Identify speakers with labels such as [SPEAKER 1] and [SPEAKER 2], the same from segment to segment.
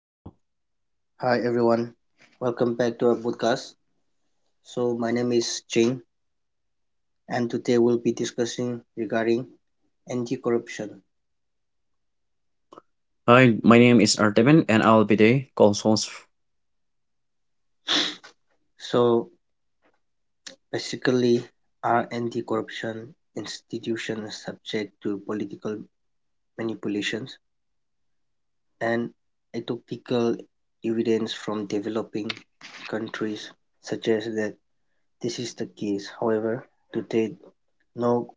[SPEAKER 1] Hello.
[SPEAKER 2] Hi, everyone. Welcome back to our podcast. So, my name is Jane, and today we'll be discussing regarding anti-corruption.
[SPEAKER 1] Hi, my name is Artemin and I'll be the consoles.
[SPEAKER 2] So, basically, are anti-corruption institutions subject to political manipulations and ethical evidence from developing countries suggests that this is the case. However, to date, no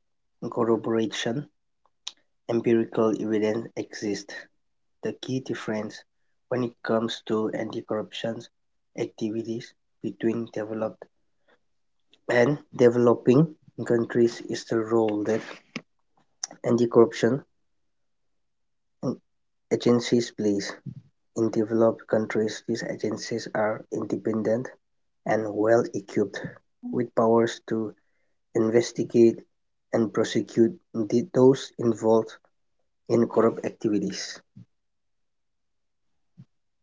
[SPEAKER 2] corroboration empirical evidence exists the key difference when it comes to anti-corruption activities between developed and developing countries is the role that anti-corruption agencies play. In developed countries, these agencies are independent and well equipped with powers to investigate and prosecute those involved in corrupt activities.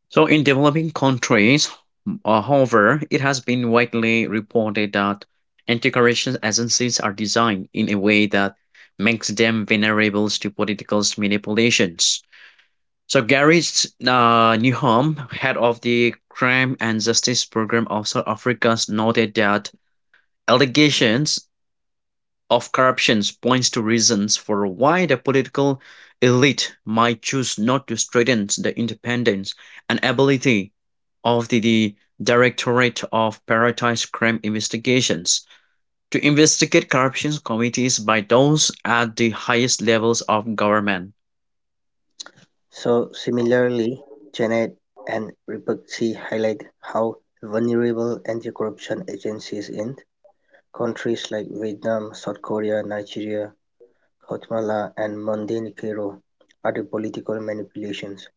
[SPEAKER 1] So in developing countries, however, it has been widely reported that anti-corruption agencies are designed in a way that makes them vulnerable to political manipulations. So Gary Newham, head of the Crime and Justice Program of South Africa, noted that allegations of corruptions points to reasons for why the political elite might choose not to strengthen the independence and ability of the Directorate of Prioritised Crime Investigations to investigate corruption committees by those at the highest levels of government.
[SPEAKER 2] So similarly, Janet and Ribisi highlight how vulnerable anti-corruption agencies in countries like Vietnam, South Korea, Nigeria, Guatemala, and Montenegro are to political manipulations,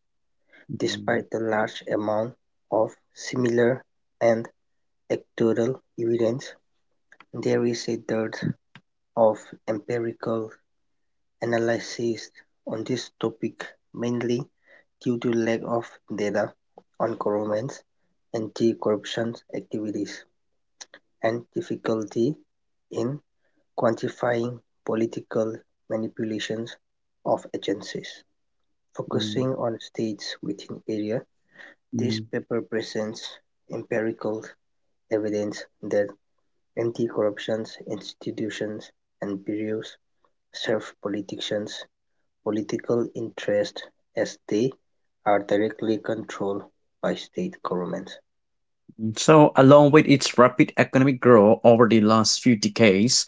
[SPEAKER 1] Mm,
[SPEAKER 2] despite the large amount of similar and anecdotal evidence. There is a dearth of empirical analysis on this topic mainly due to lack of data on government's anti-corruption activities and difficulty in quantifying political manipulations of agencies.
[SPEAKER 1] mm,
[SPEAKER 2] Focusing on states within area, this
[SPEAKER 1] mm,
[SPEAKER 2] paper presents empirical evidence that anti-corruption institutions and bureaus serve politicians political interests as they are directly controlled by state governments.
[SPEAKER 1] mm. So, along with its rapid economic growth over the last few decades,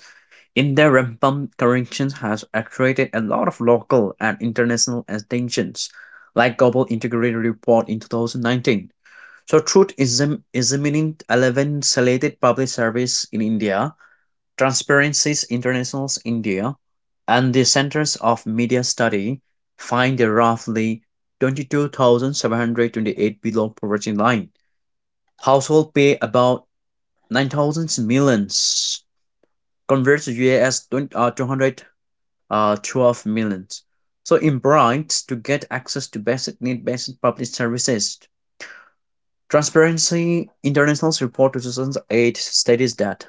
[SPEAKER 1] in their Rampant Corrections has attracted a lot of local and international attentions, like Global Integrated Report in 2019. So, examining 11 selected public service in India, Transparencies International's India, and the Centers of Media Study find that roughly 22,728 below poverty line household pay about 9,000 millions, converts to US 200 12 million. So in Bright, to get access to basic need-based public services, Transparency International's report 2008 states that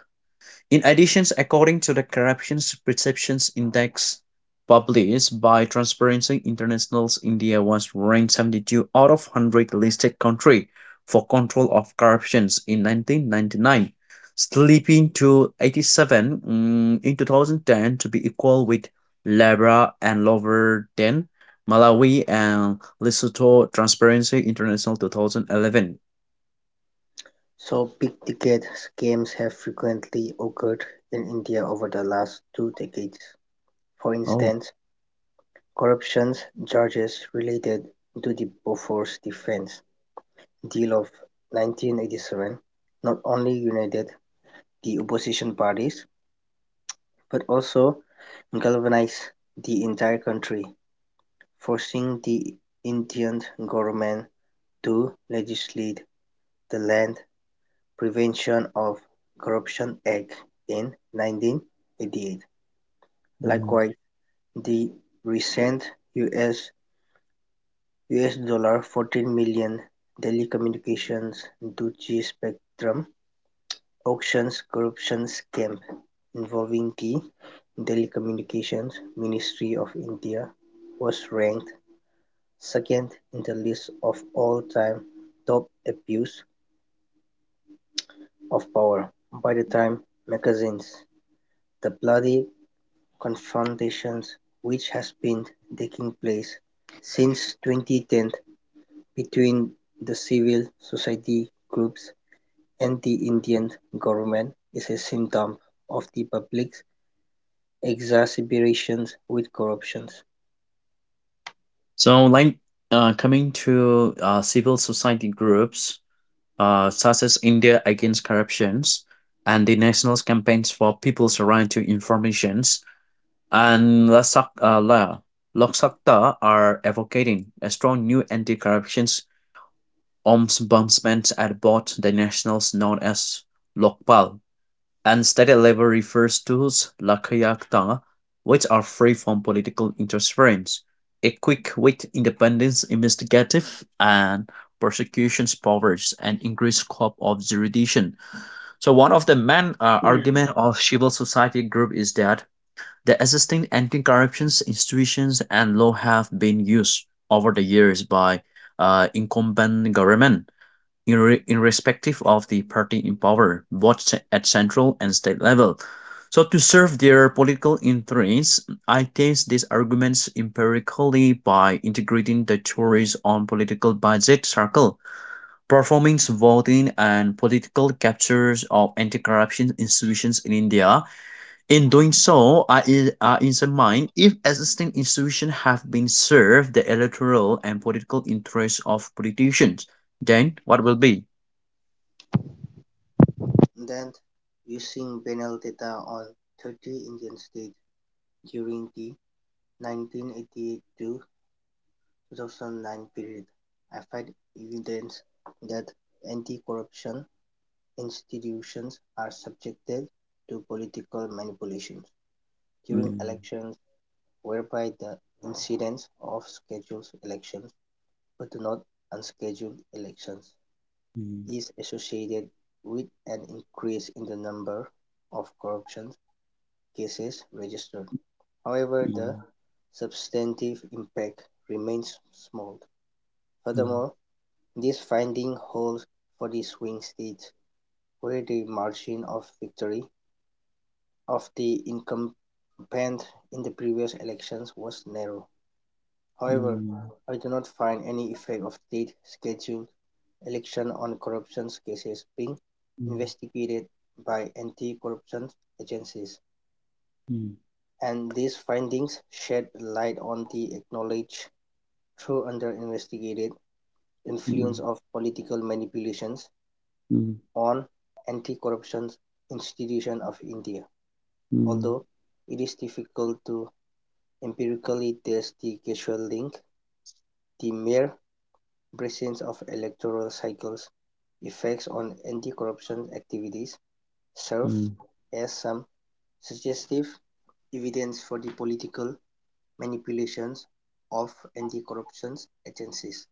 [SPEAKER 1] in addition, according to the Corruption Perception Index published by Transparency International's, India was ranked 72 out of 100 listed country for control of corruptions in 1999, slipping to 87 in 2010 to be equal with Liberia and lower than Malawi and Lesotho Transparency International 2011.
[SPEAKER 2] So big-ticket scams have frequently occurred in India over the last two decades. For
[SPEAKER 1] Oh.
[SPEAKER 2] instance, corruption charges related to the Bofors defense deal of 1987 not only united the opposition parties but also galvanized the entire country, forcing the Indian government to legislate the Land Prevention of Corruption Act in 1988.
[SPEAKER 1] mm.
[SPEAKER 2] Likewise, the recent US$14 million telecommunications duty spectrum auctions corruption scam involving the Telecommunications Ministry of India was ranked second in the list of all-time top abuse of power by the time magazines. The bloody confrontations which has been taking place since 2010 between the civil society groups and the Indian government is a symptom of the public's exacerbations with corruptions.
[SPEAKER 1] So, coming to civil society groups such as India Against Corruptions and the national campaigns for people's right to informations and La Sak- La Lok Sakta are advocating a strong new anti-corruption ombudsman at both the nationals known as Lokpal and Unstated level refers to Lakayaktana, which are free from political interference, equipped with independent investigative and prosecutions powers, and increased scope of jurisdiction. So one of the main argument of civil society group is that the existing anti-corruption institutions and law have been used over the years by incumbent government, irrespective of the party in power, both at central and state level. So, to serve their political interests, I test these arguments empirically by integrating the theories on political budget circle, performance voting, and political captures of anti corruption institutions in India. In doing so, I examine if existing institutions have been served the electoral and political interests of politicians. Then, what will be?
[SPEAKER 2] Then, using banal data on 30 Indian states during the 1988 to 2009 period, I find evidence that anti-corruption institutions are subjected to political manipulations during
[SPEAKER 1] Mm,
[SPEAKER 2] elections, whereby the incidence of scheduled elections but not unscheduled elections
[SPEAKER 1] mm,
[SPEAKER 2] is associated with an increase in the number of corruption cases registered. However, the
[SPEAKER 1] mm,
[SPEAKER 2] substantive impact remains small.
[SPEAKER 1] mm,
[SPEAKER 2] Furthermore, this finding holds for the swing states, where the margin of victory of the incumbent in the previous elections was narrow. However,
[SPEAKER 1] mm,
[SPEAKER 2] I do not find any effect of state scheduled election on corruption cases being
[SPEAKER 1] mm,
[SPEAKER 2] investigated by anti-corruption agencies,
[SPEAKER 1] mm,
[SPEAKER 2] and these findings shed light on the acknowledged, though under-investigated, influence
[SPEAKER 1] mm,
[SPEAKER 2] of political manipulations
[SPEAKER 1] mm,
[SPEAKER 2] on Anti-Corruption Institution of India,
[SPEAKER 1] mm,
[SPEAKER 2] although it is difficult to empirically test the causal link. The mere presence of electoral cycles' effects on anti-corruption activities serves
[SPEAKER 1] mm.
[SPEAKER 2] as some suggestive evidence for the political manipulations of anti-corruption agencies.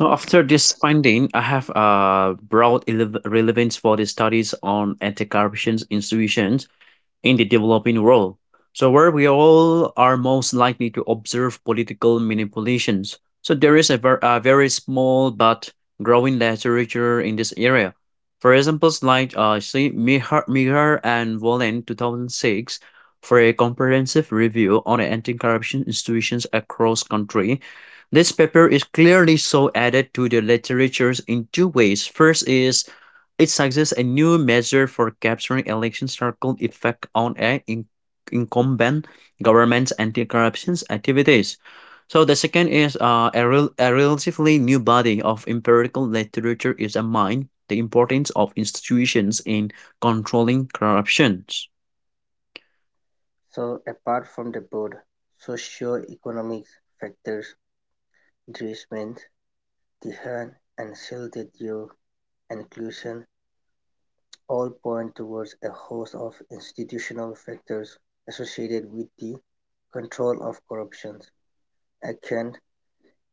[SPEAKER 1] So after this finding, I have broad relevance for the studies on anti-corruption institutions in the developing world. So, where we all are most likely to observe political manipulations. So, there is a, a very small but growing literature in this area. For examples see Mihar, Mihar and Wallen 2006 for a comprehensive review on anti-corruption institutions across country. This paper is clearly so added to the literatures in two ways. First is it suggests a new measure for capturing election circle effect on incumbent government's anti-corruption activities. So the second is a relatively new body of empirical literature is a mind the importance of institutions in controlling corruptions.
[SPEAKER 2] So apart from the broad socio-economic factors, Dries meant the hand and cell inclusion all point towards a host of institutional factors associated with the control of corruption. Atkins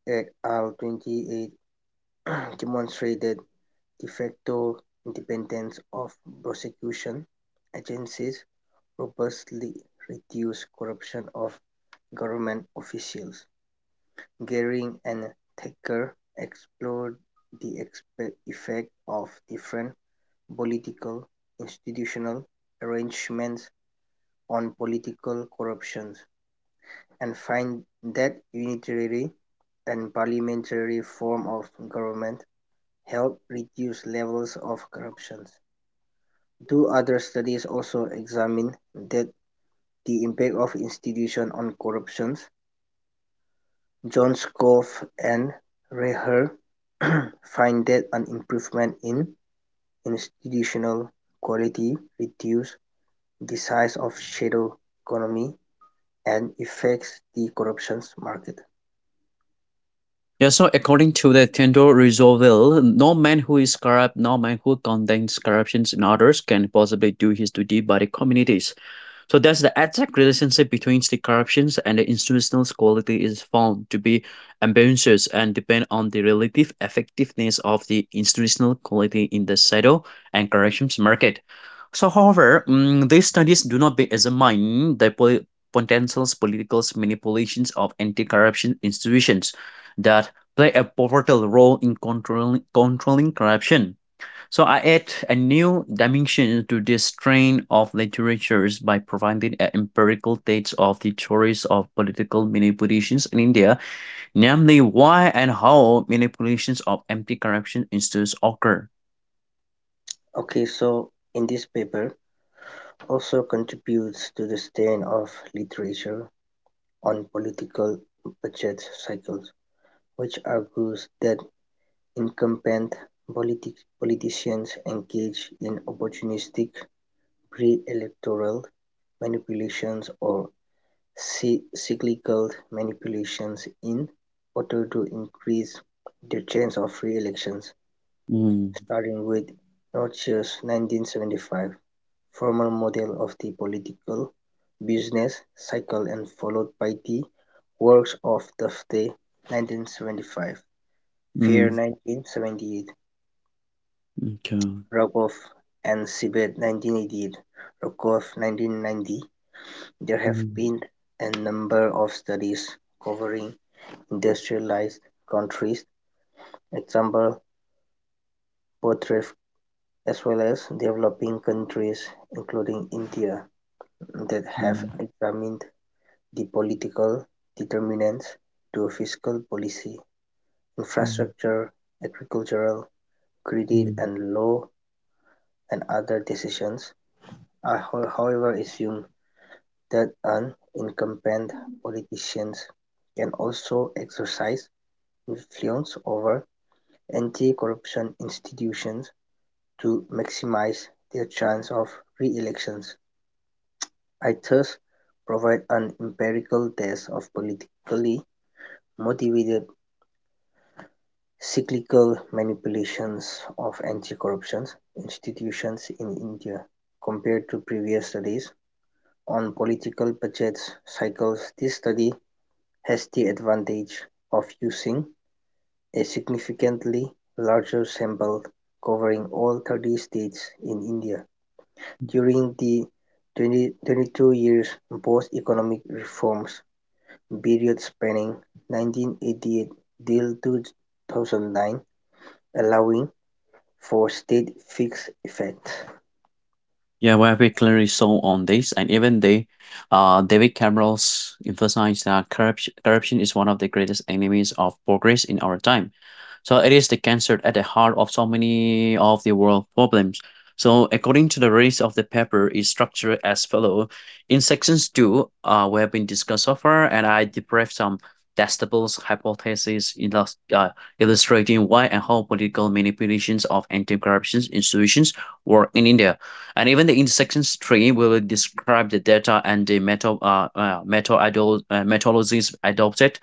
[SPEAKER 2] et al. 28 demonstrated "de facto" independence of prosecution agencies robustly reduce corruption of government officials. Gehring and Thacker explored the effect of different political, institutional arrangements on political corruption, and find that unitary and parliamentary form of government help reduce levels of corruption. Two other studies also examine that the impact of institutions on corruption. Johnskopf and Reher find that an improvement in institutional quality reduces the size of shadow economy and affects the corruptions market.
[SPEAKER 1] Yeah, so according to the Theodore Roosevelt, no man who is corrupt, no man who condemns corruptions in others can possibly do his duty by the communities. So thus the exact relationship between the corruptions and the institutional quality is found to be ambiguous and depend on the relative effectiveness of the institutional quality in the shadow and corrections market. So however, these studies do not be- examine the potential political manipulations of anti-corruption institutions that play a pivotal role in controlling corruption, so I add a new dimension to this strain of literatures by providing a empirical dates of the theories of political manipulations in India, namely why and how manipulations of anti-corruption institutes occur.
[SPEAKER 2] Okay, so in this paper also contributes to the stain of literature on political budget cycles, which argues that incumbent politi- politicians engage in opportunistic pre-electoral manipulations or cyclical manipulations in order to increase their chance of re-elections.
[SPEAKER 1] Mm,
[SPEAKER 2] Starting with Northshire's 1975 formal model of the political business cycle and followed by the works of Dufte 1975, Fair
[SPEAKER 1] mm,
[SPEAKER 2] 1978,
[SPEAKER 1] okay.
[SPEAKER 2] Rogoff and Seibert 1988, Rogoff 1990, there have
[SPEAKER 1] Mm,
[SPEAKER 2] been a number of studies covering industrialized countries, example Botreff, as well as developing countries including India, that have
[SPEAKER 1] mm,
[SPEAKER 2] examined the political determinants to fiscal policy,
[SPEAKER 1] mm,
[SPEAKER 2] infrastructure, agricultural, credit
[SPEAKER 1] mm.
[SPEAKER 2] and law and other decisions. I however assume that an incumbent politician can also exercise influence over anti-corruption institutions to maximize their chance of re-elections. I thus provide an empirical test of politically motivated cyclical manipulations of anti-corruption institutions in India. Compared to previous studies on political budget cycles, this study has the advantage of using a significantly larger sample covering all 30 states in India during the 22 years post economic reforms period spanning 1988 till 2009, allowing for state fixed effect.
[SPEAKER 1] Yeah, well, we have clearly saw on this, and even they, David Cameron's emphasized that corruption is one of the greatest enemies of progress in our time. So it is the cancer at the heart of so many of the world problems. So according to the rest of the paper, is structured as follow. In sections two, we have been discussed so far, and I debriefed some testables hypotheses illustrating why and how political manipulations of anti-corruption institutions work in India. And even the intersection tree will describe the data and the meta methodologies adopted.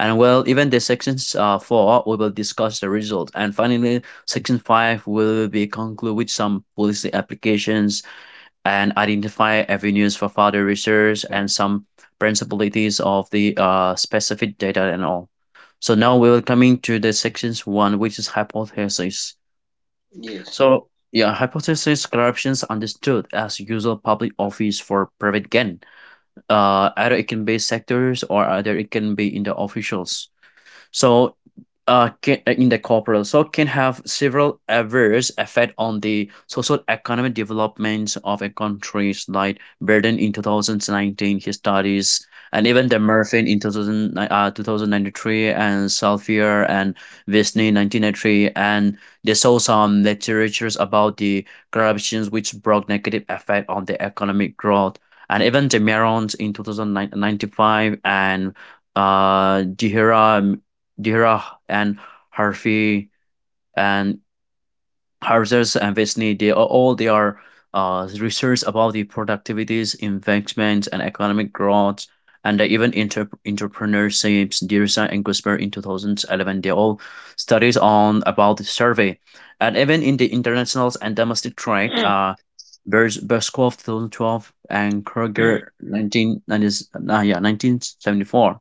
[SPEAKER 1] And well, even the sections four, we will discuss the result. And finally, section five will be conclude with some policy applications and identify avenues for further research and some principalities of the specific data and all. So now we will coming to the sections one, which is hypothesis.
[SPEAKER 2] Yes,
[SPEAKER 1] So, yeah, hypothesis corruptions understood as usual public office for private gain. Either it can be sectors or either it can be in the officials. So, in the corporal, so can have several adverse effect on the social economic developments of a country's like Braden in 2019, his studies, and even the Murphy in 2093, and Salfier and Wisney in 1993, and they saw some literatures about the corruptions which brought negative effect on the economic growth. And even the Merons in 2095 and Dihira Dhirah and Harfi and Harzers and Vesni, they are research about the productivities, investments, and economic growth. And they even entrepreneurships, Dirsan and Gusper in 2011, they all studies on about the survey. And even in the internationals and domestic trade, Berskov 2012 and Kroger 1990, 1974.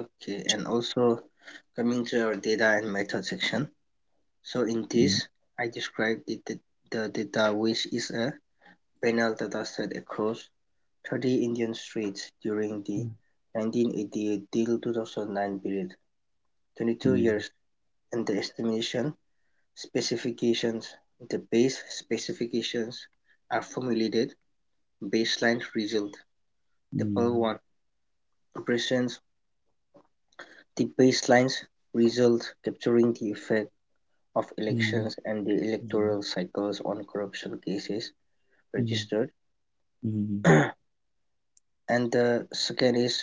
[SPEAKER 2] okay, and also coming to our data and method section. So in
[SPEAKER 1] Mm,
[SPEAKER 2] this, I described the data, which is a panel data set across 30 Indian streets during the 1988 till 2009 period, 22
[SPEAKER 1] mm,
[SPEAKER 2] years, and the estimation specifications, the base specifications are formulated baseline result. Table
[SPEAKER 1] mm,
[SPEAKER 2] 1 presents the baselines result capturing the effect of
[SPEAKER 1] mm,
[SPEAKER 2] elections and the
[SPEAKER 1] Mhm,
[SPEAKER 2] electoral cycles on corruption cases
[SPEAKER 1] mhm,
[SPEAKER 2] registered,
[SPEAKER 1] mhm,
[SPEAKER 2] and the second is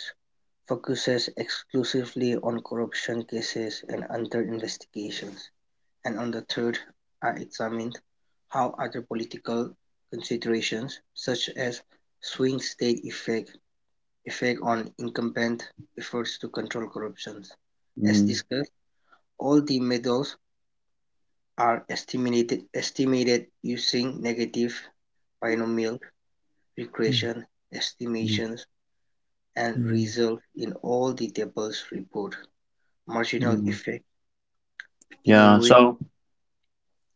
[SPEAKER 2] focuses exclusively on corruption cases and under investigations, and on the third are examined how other political considerations, such as swing-state effect, effect on incumbent efforts to control corruption. As
[SPEAKER 1] mhm,
[SPEAKER 2] discussed, all the medals are estimated using negative binomial regression
[SPEAKER 1] mhm,
[SPEAKER 2] estimations, and
[SPEAKER 1] mhm,
[SPEAKER 2] result in all the tables report marginal
[SPEAKER 1] mhm.
[SPEAKER 2] effect beginning
[SPEAKER 1] Yeah,
[SPEAKER 2] with
[SPEAKER 1] so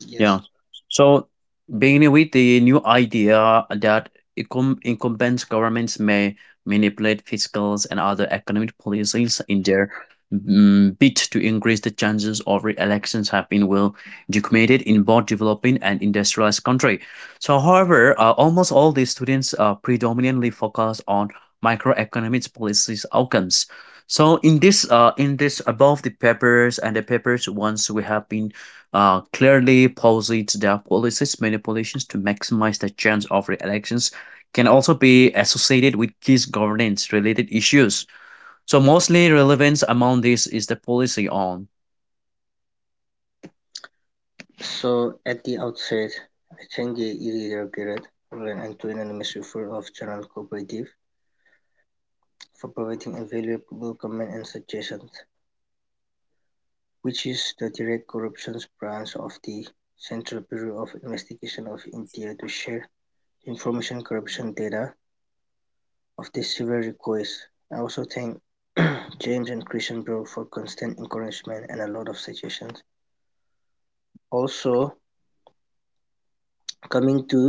[SPEAKER 2] yes.
[SPEAKER 1] Yeah. So beginning with the new idea that incumbent governments may manipulate fiscal and other economic policies in their bid to increase the chances of re-elections have been well documented in both developing and industrialized country. So, however, almost all these students predominantly focus on microeconomics policies outcomes. So, in this above the papers and the papers once we have been clearly posited their policies. Manipulations to maximize the chance of re-elections can also be associated with key governance-related issues. So mostly relevance among this is the policy on.
[SPEAKER 2] So at the outset, I thank the editor Garrett, Roland, and to anonymous refer of Journal Cooperative for providing a valuable comment and suggestions, which is the direct corruptions branch of the Central Bureau of Investigation of India to share information corruption data of this severe request. I also thank James and Christian Bro for constant encouragement and a lot of suggestions. Also, coming to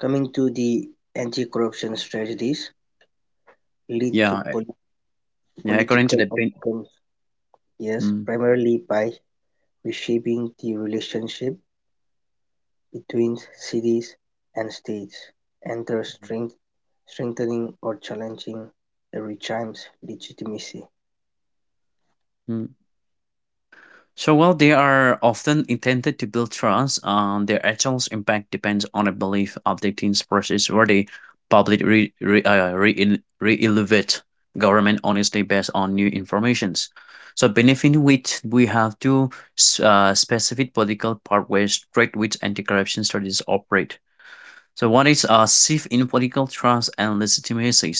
[SPEAKER 2] coming to the anti-corruption strategies lead to
[SPEAKER 1] Yeah, yeah. According to
[SPEAKER 2] political
[SPEAKER 1] the bin.
[SPEAKER 2] outcomes. Yes,
[SPEAKER 1] Mm,
[SPEAKER 2] primarily by reshaping the relationship between cities and states, and thus strengthening or challenging the regime's legitimacy.
[SPEAKER 1] mm. So while they are often intended to build trust, their actual impact depends on a belief updating process where the public re-elevate government honestly based on new informations. So benefit which we have two specific political pathways straight which anti-corruption studies operate. So one is a shift in political trust and legitimacy.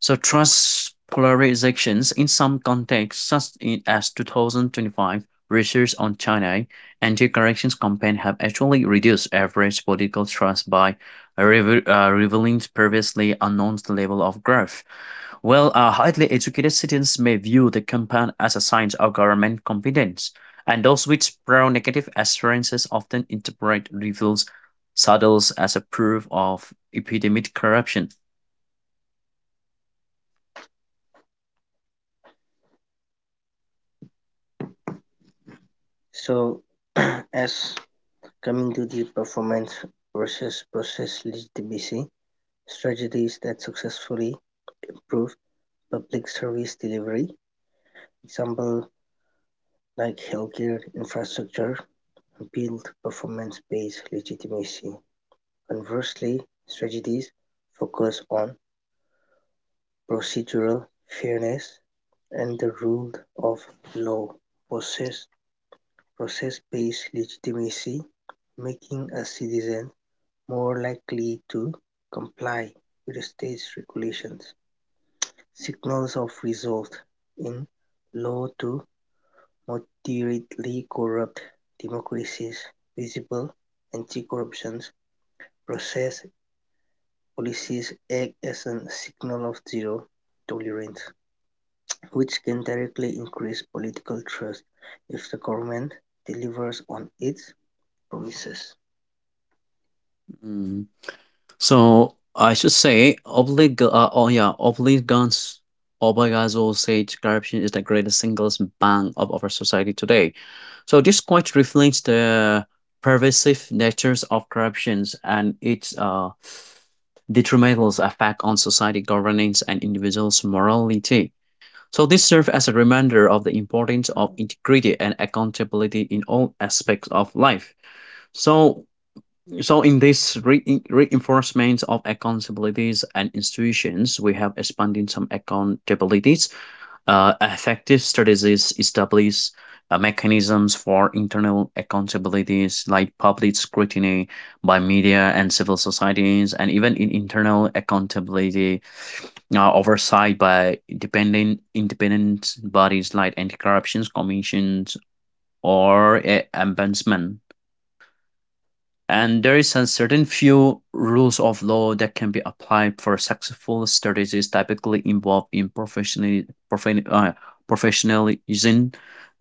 [SPEAKER 1] So trust polarizations in some contexts, as 2025 research on China anti-corruption campaign, have actually reduced average political trust by revealing previously unknown level of growth. Well, highly educated citizens may view the campaign as a sign of government competence, and those with pro-negative assurances often interpret reveals saddles as a proof of epidemic corruption.
[SPEAKER 2] So, as coming to the performance versus process legitimacy strategies that successfully improved public service delivery, example like healthcare infrastructure, build performance-based legitimacy. Conversely, strategies focus on procedural fairness and the rule of law process process-based legitimacy, making a citizen more likely to comply with state regulations, signals of results in low to moderately corrupt democracies visible anti-corruption process policies act as a signal of zero tolerance, which can directly increase political trust if the government delivers on its promises.
[SPEAKER 1] Mm. So I should say Obligans Obayazo said corruption is the greatest single bang of our society today. So this quite reflects the pervasive natures of corruptions and its detrimental effect on society governance and individuals' morality. So this serves as a reminder of the importance of integrity and accountability in all aspects of life. So so in this re- reinforcement of accountabilities and institutions, we have expanding some accountabilities, effective strategies establish mechanisms for internal accountabilities like public scrutiny by media and civil societies, and even in internal accountability oversight by dependent independent bodies like anti-corruption commissions or ombudsman. And there is a certain few rules of law that can be applied for successful strategies typically involved in profan- uh, professionalism,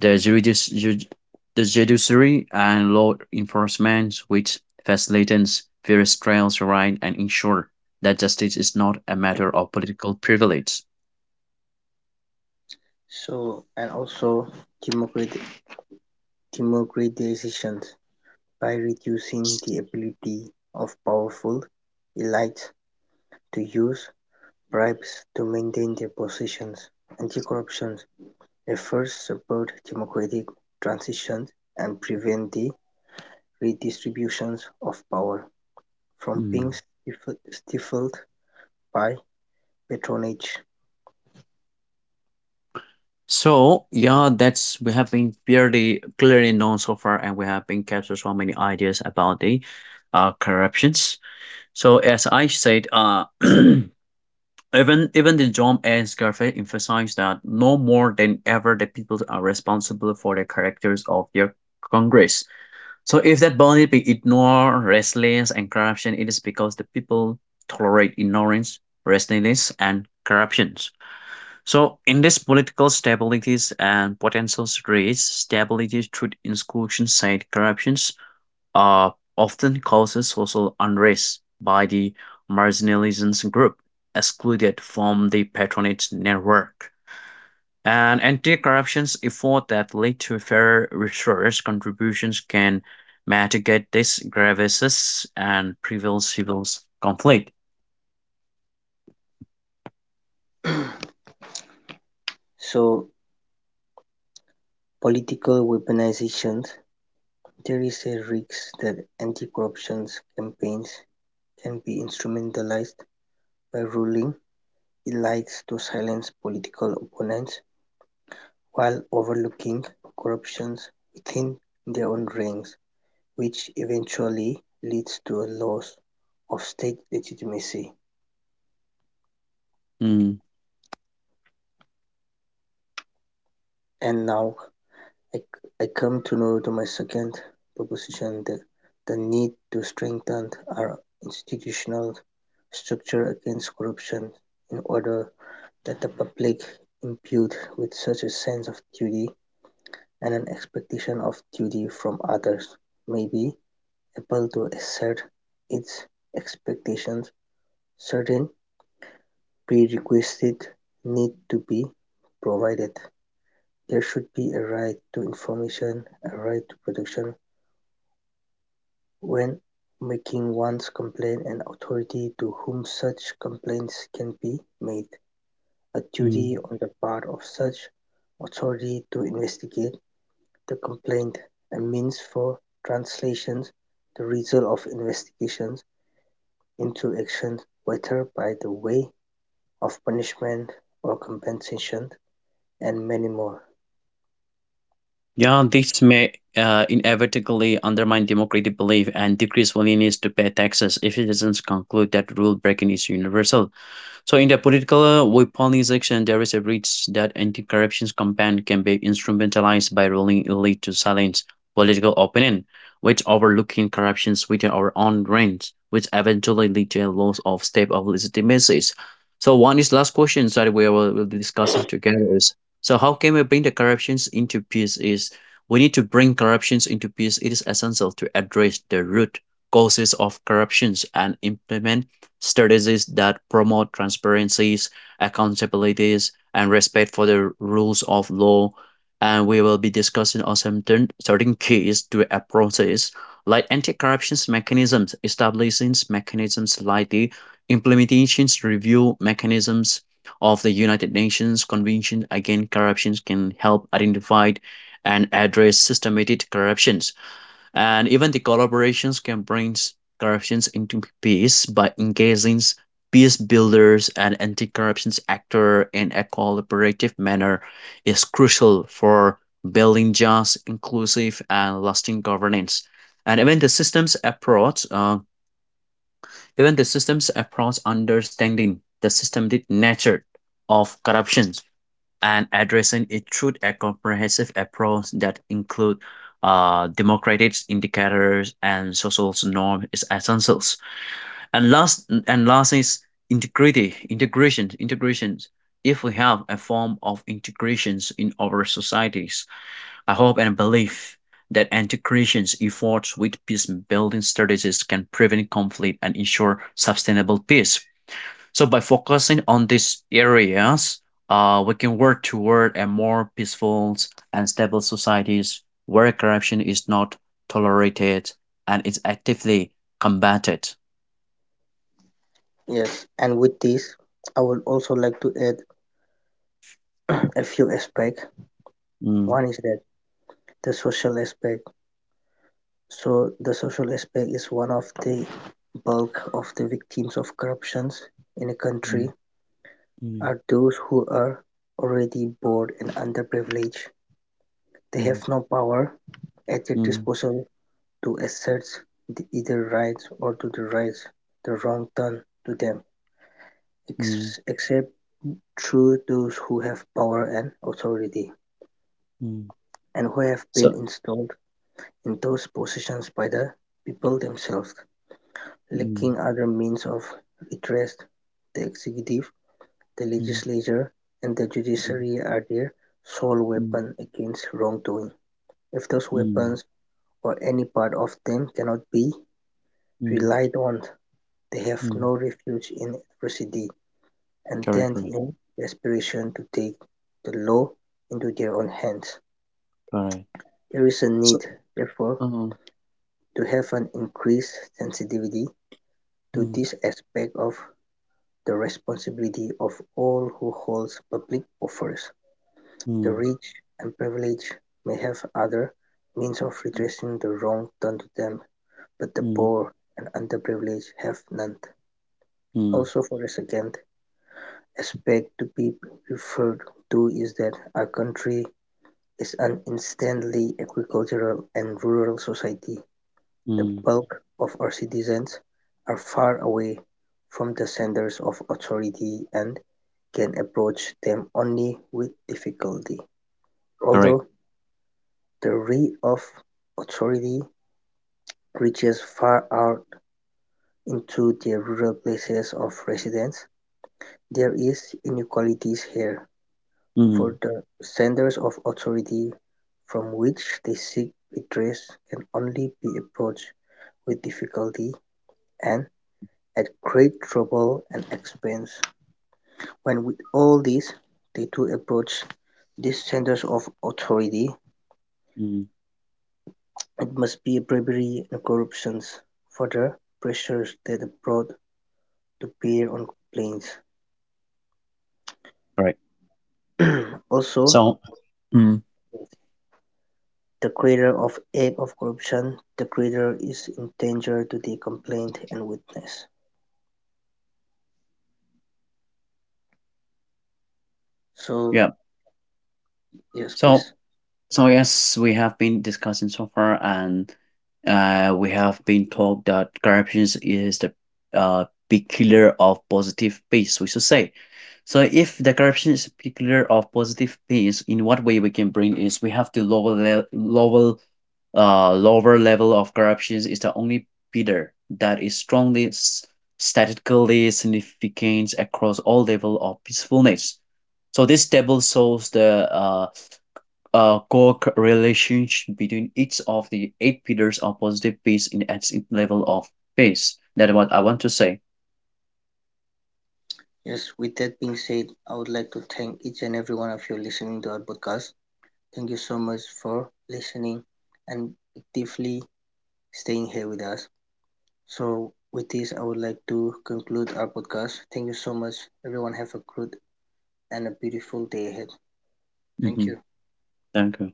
[SPEAKER 1] the judici- ju- the judiciary and law enforcement which facilitates fair trials right and ensure that justice is not a matter of political privilege.
[SPEAKER 2] So, and also democrat- democratization by reducing the ability of powerful elites to use bribes to maintain their positions. Anti-corruption efforts support democratic transitions and prevent the redistributions of power from being
[SPEAKER 1] Hmm.
[SPEAKER 2] stifled by patronage.
[SPEAKER 1] So yeah, that's we have been fairly clearly known so far, and we have been captured so many ideas about the corruptions. So as I said, even the John and Scarface emphasize that no more than ever the people are responsible for the characters of their Congress. So if that body be ignore restlessness, and corruption, it is because the people tolerate ignorance, restlessness, and corruptions. So, in this political stabilities and potential threats, stability through institution side corruptions uh, often causes social unrest by the marginalized group excluded from the patronage network. And anti-corruptions effort that lead to fair resource contributions can mitigate these grievances and prevent civil conflict.
[SPEAKER 2] So, political weaponizations, there is a risk that anti corruption campaigns can be instrumentalized by ruling He likes to silence political opponents while overlooking corruptions within their own ranks, which eventually leads to a loss of state legitimacy.
[SPEAKER 1] Mm.
[SPEAKER 2] And now I, I come to, know to my second proposition, the need to strengthen our institutional structure against corruption in order that the public imbued with such a sense of duty and an expectation of duty from others may be able to assert its expectations. Certain prerequisites need to be provided. There should be a right to information, a right to protection when making one's complaint, and authority to whom such complaints can be made, a duty
[SPEAKER 1] Mm.
[SPEAKER 2] on the part of such authority to investigate the complaint, a means for translations, the result of investigations into actions whether by the way of punishment or compensation, and many more.
[SPEAKER 1] Yeah, this may inevitably undermine democratic belief and decrease willingness to pay taxes if citizens conclude that rule breaking is universal. So in the political weaponization, there is a risk that anti-corruption campaign can be instrumentalized by ruling elite to silence political opinion, which overlooking corruptions within our own ranks, which eventually lead to a loss of step of legitimacy. So one is last question that we will be discussing together is so how can we bring the corruptions into peace is we need to bring corruptions into peace. It is essential to address the root causes of corruptions and implement strategies that promote transparencies, accountabilities, and respect for the rules of law. And we will be discussing on some certain keys to approaches like anti-corruption mechanisms, establishing mechanisms like the implementations review mechanisms of the United Nations Convention Against Corruption can help identify and address systematic corruption. And even the collaborations can bring corruptions into peace by engaging peace builders and anti-corruption actor in a collaborative manner is crucial for building just, inclusive, and lasting governance. And even the systems approach, understanding the systematic nature of corruptions and addressing it through a comprehensive approach that includes democratic indicators and social norms is essentials. And last is integrations. If we have a form of integrations in our societies, I hope and believe that integrations efforts with peace building strategies can prevent conflict and ensure sustainable peace, so by focusing on these areas, we can work toward a more peaceful and stable societies where corruption is not tolerated and is actively combated.
[SPEAKER 2] Yes, and with this, I would also like to add a few aspects.
[SPEAKER 1] Mm,
[SPEAKER 2] One is that the social aspect. So the social aspect is one of the bulk of the victims of corruptions in a
[SPEAKER 1] mm,
[SPEAKER 2] country
[SPEAKER 1] mm,
[SPEAKER 2] are those who are already poor and underprivileged. They
[SPEAKER 1] mm,
[SPEAKER 2] have no power at their
[SPEAKER 1] mm,
[SPEAKER 2] disposal to assert either right or to the right the wrong done to them,
[SPEAKER 1] mm,
[SPEAKER 2] ex except through those who have power and authority,
[SPEAKER 1] mm,
[SPEAKER 2] and who have
[SPEAKER 1] So
[SPEAKER 2] been installed in those positions by the people themselves.
[SPEAKER 1] mm,
[SPEAKER 2] Lacking other means of redress, the executive, the
[SPEAKER 1] mm,
[SPEAKER 2] legislature, and the
[SPEAKER 1] mm,
[SPEAKER 2] judiciary are their sole
[SPEAKER 1] mm,
[SPEAKER 2] weapon against wrongdoing. If those
[SPEAKER 1] mm,
[SPEAKER 2] weapons or any part of them cannot be
[SPEAKER 1] mm,
[SPEAKER 2] relied on, they have
[SPEAKER 1] mm.
[SPEAKER 2] no refuge in adversity, and
[SPEAKER 1] Correct,
[SPEAKER 2] tend
[SPEAKER 1] correct,
[SPEAKER 2] in desperation to take the law into their own hands.
[SPEAKER 1] correct.
[SPEAKER 2] There is a
[SPEAKER 1] so
[SPEAKER 2] need, therefore,
[SPEAKER 1] Uh,
[SPEAKER 2] to have an increased sensitivity to
[SPEAKER 1] mm,
[SPEAKER 2] this aspect of the responsibility of all who hold public office.
[SPEAKER 1] mm,
[SPEAKER 2] The rich and privileged may have other means of
[SPEAKER 1] mm,
[SPEAKER 2] redressing the wrong done to them, but the
[SPEAKER 1] mm,
[SPEAKER 2] poor and underprivileged have none.
[SPEAKER 1] mm,
[SPEAKER 2] Also, for a second, aspect to be referred to is that our country is an instantly agricultural and rural society. The
[SPEAKER 1] mm.
[SPEAKER 2] bulk of our citizens are far away from the centers of authority and can approach them only with difficulty.
[SPEAKER 1] Correct.
[SPEAKER 2] Although the reach of authority reaches far out into the rural places of residence, there is inequalities here.
[SPEAKER 1] Mm,
[SPEAKER 2] For the centers of authority from which they seek redress can only be approached with difficulty and at great trouble and expense. When with all this they do approach these centers of authority,
[SPEAKER 1] mm,
[SPEAKER 2] it must be bribery and corruptions for the pressures that are brought to bear on complaints.
[SPEAKER 1] correct.
[SPEAKER 2] Also,
[SPEAKER 1] so mm,
[SPEAKER 2] the greater of act of corruption, the greater is in danger to the complainant and witness. So,
[SPEAKER 1] Yeah.
[SPEAKER 2] yes,
[SPEAKER 1] So
[SPEAKER 2] please.
[SPEAKER 1] so yes, we have been discussing so far, and we have been told that corruption is the uh, big killer of positive peace, we should say. So if the corruption is a big killer of positive peace, in what way we can bring is we have to lower le- lower lower level of corruption is the only bidder that is strongly statistically significant across all level of peacefulness. So this table shows the a correlation between each of the eight pillars of positive peace in its level of peace. That's what I want to say.
[SPEAKER 2] Yes, with that being said, I would like to thank each and every one of you listening to our podcast. Thank you so much for listening and actively staying here with us. So, with this, I would like to conclude our podcast. Thank you so much. Everyone, have a good and a beautiful day ahead. Thank
[SPEAKER 1] hmm
[SPEAKER 2] you.
[SPEAKER 1] Thank you.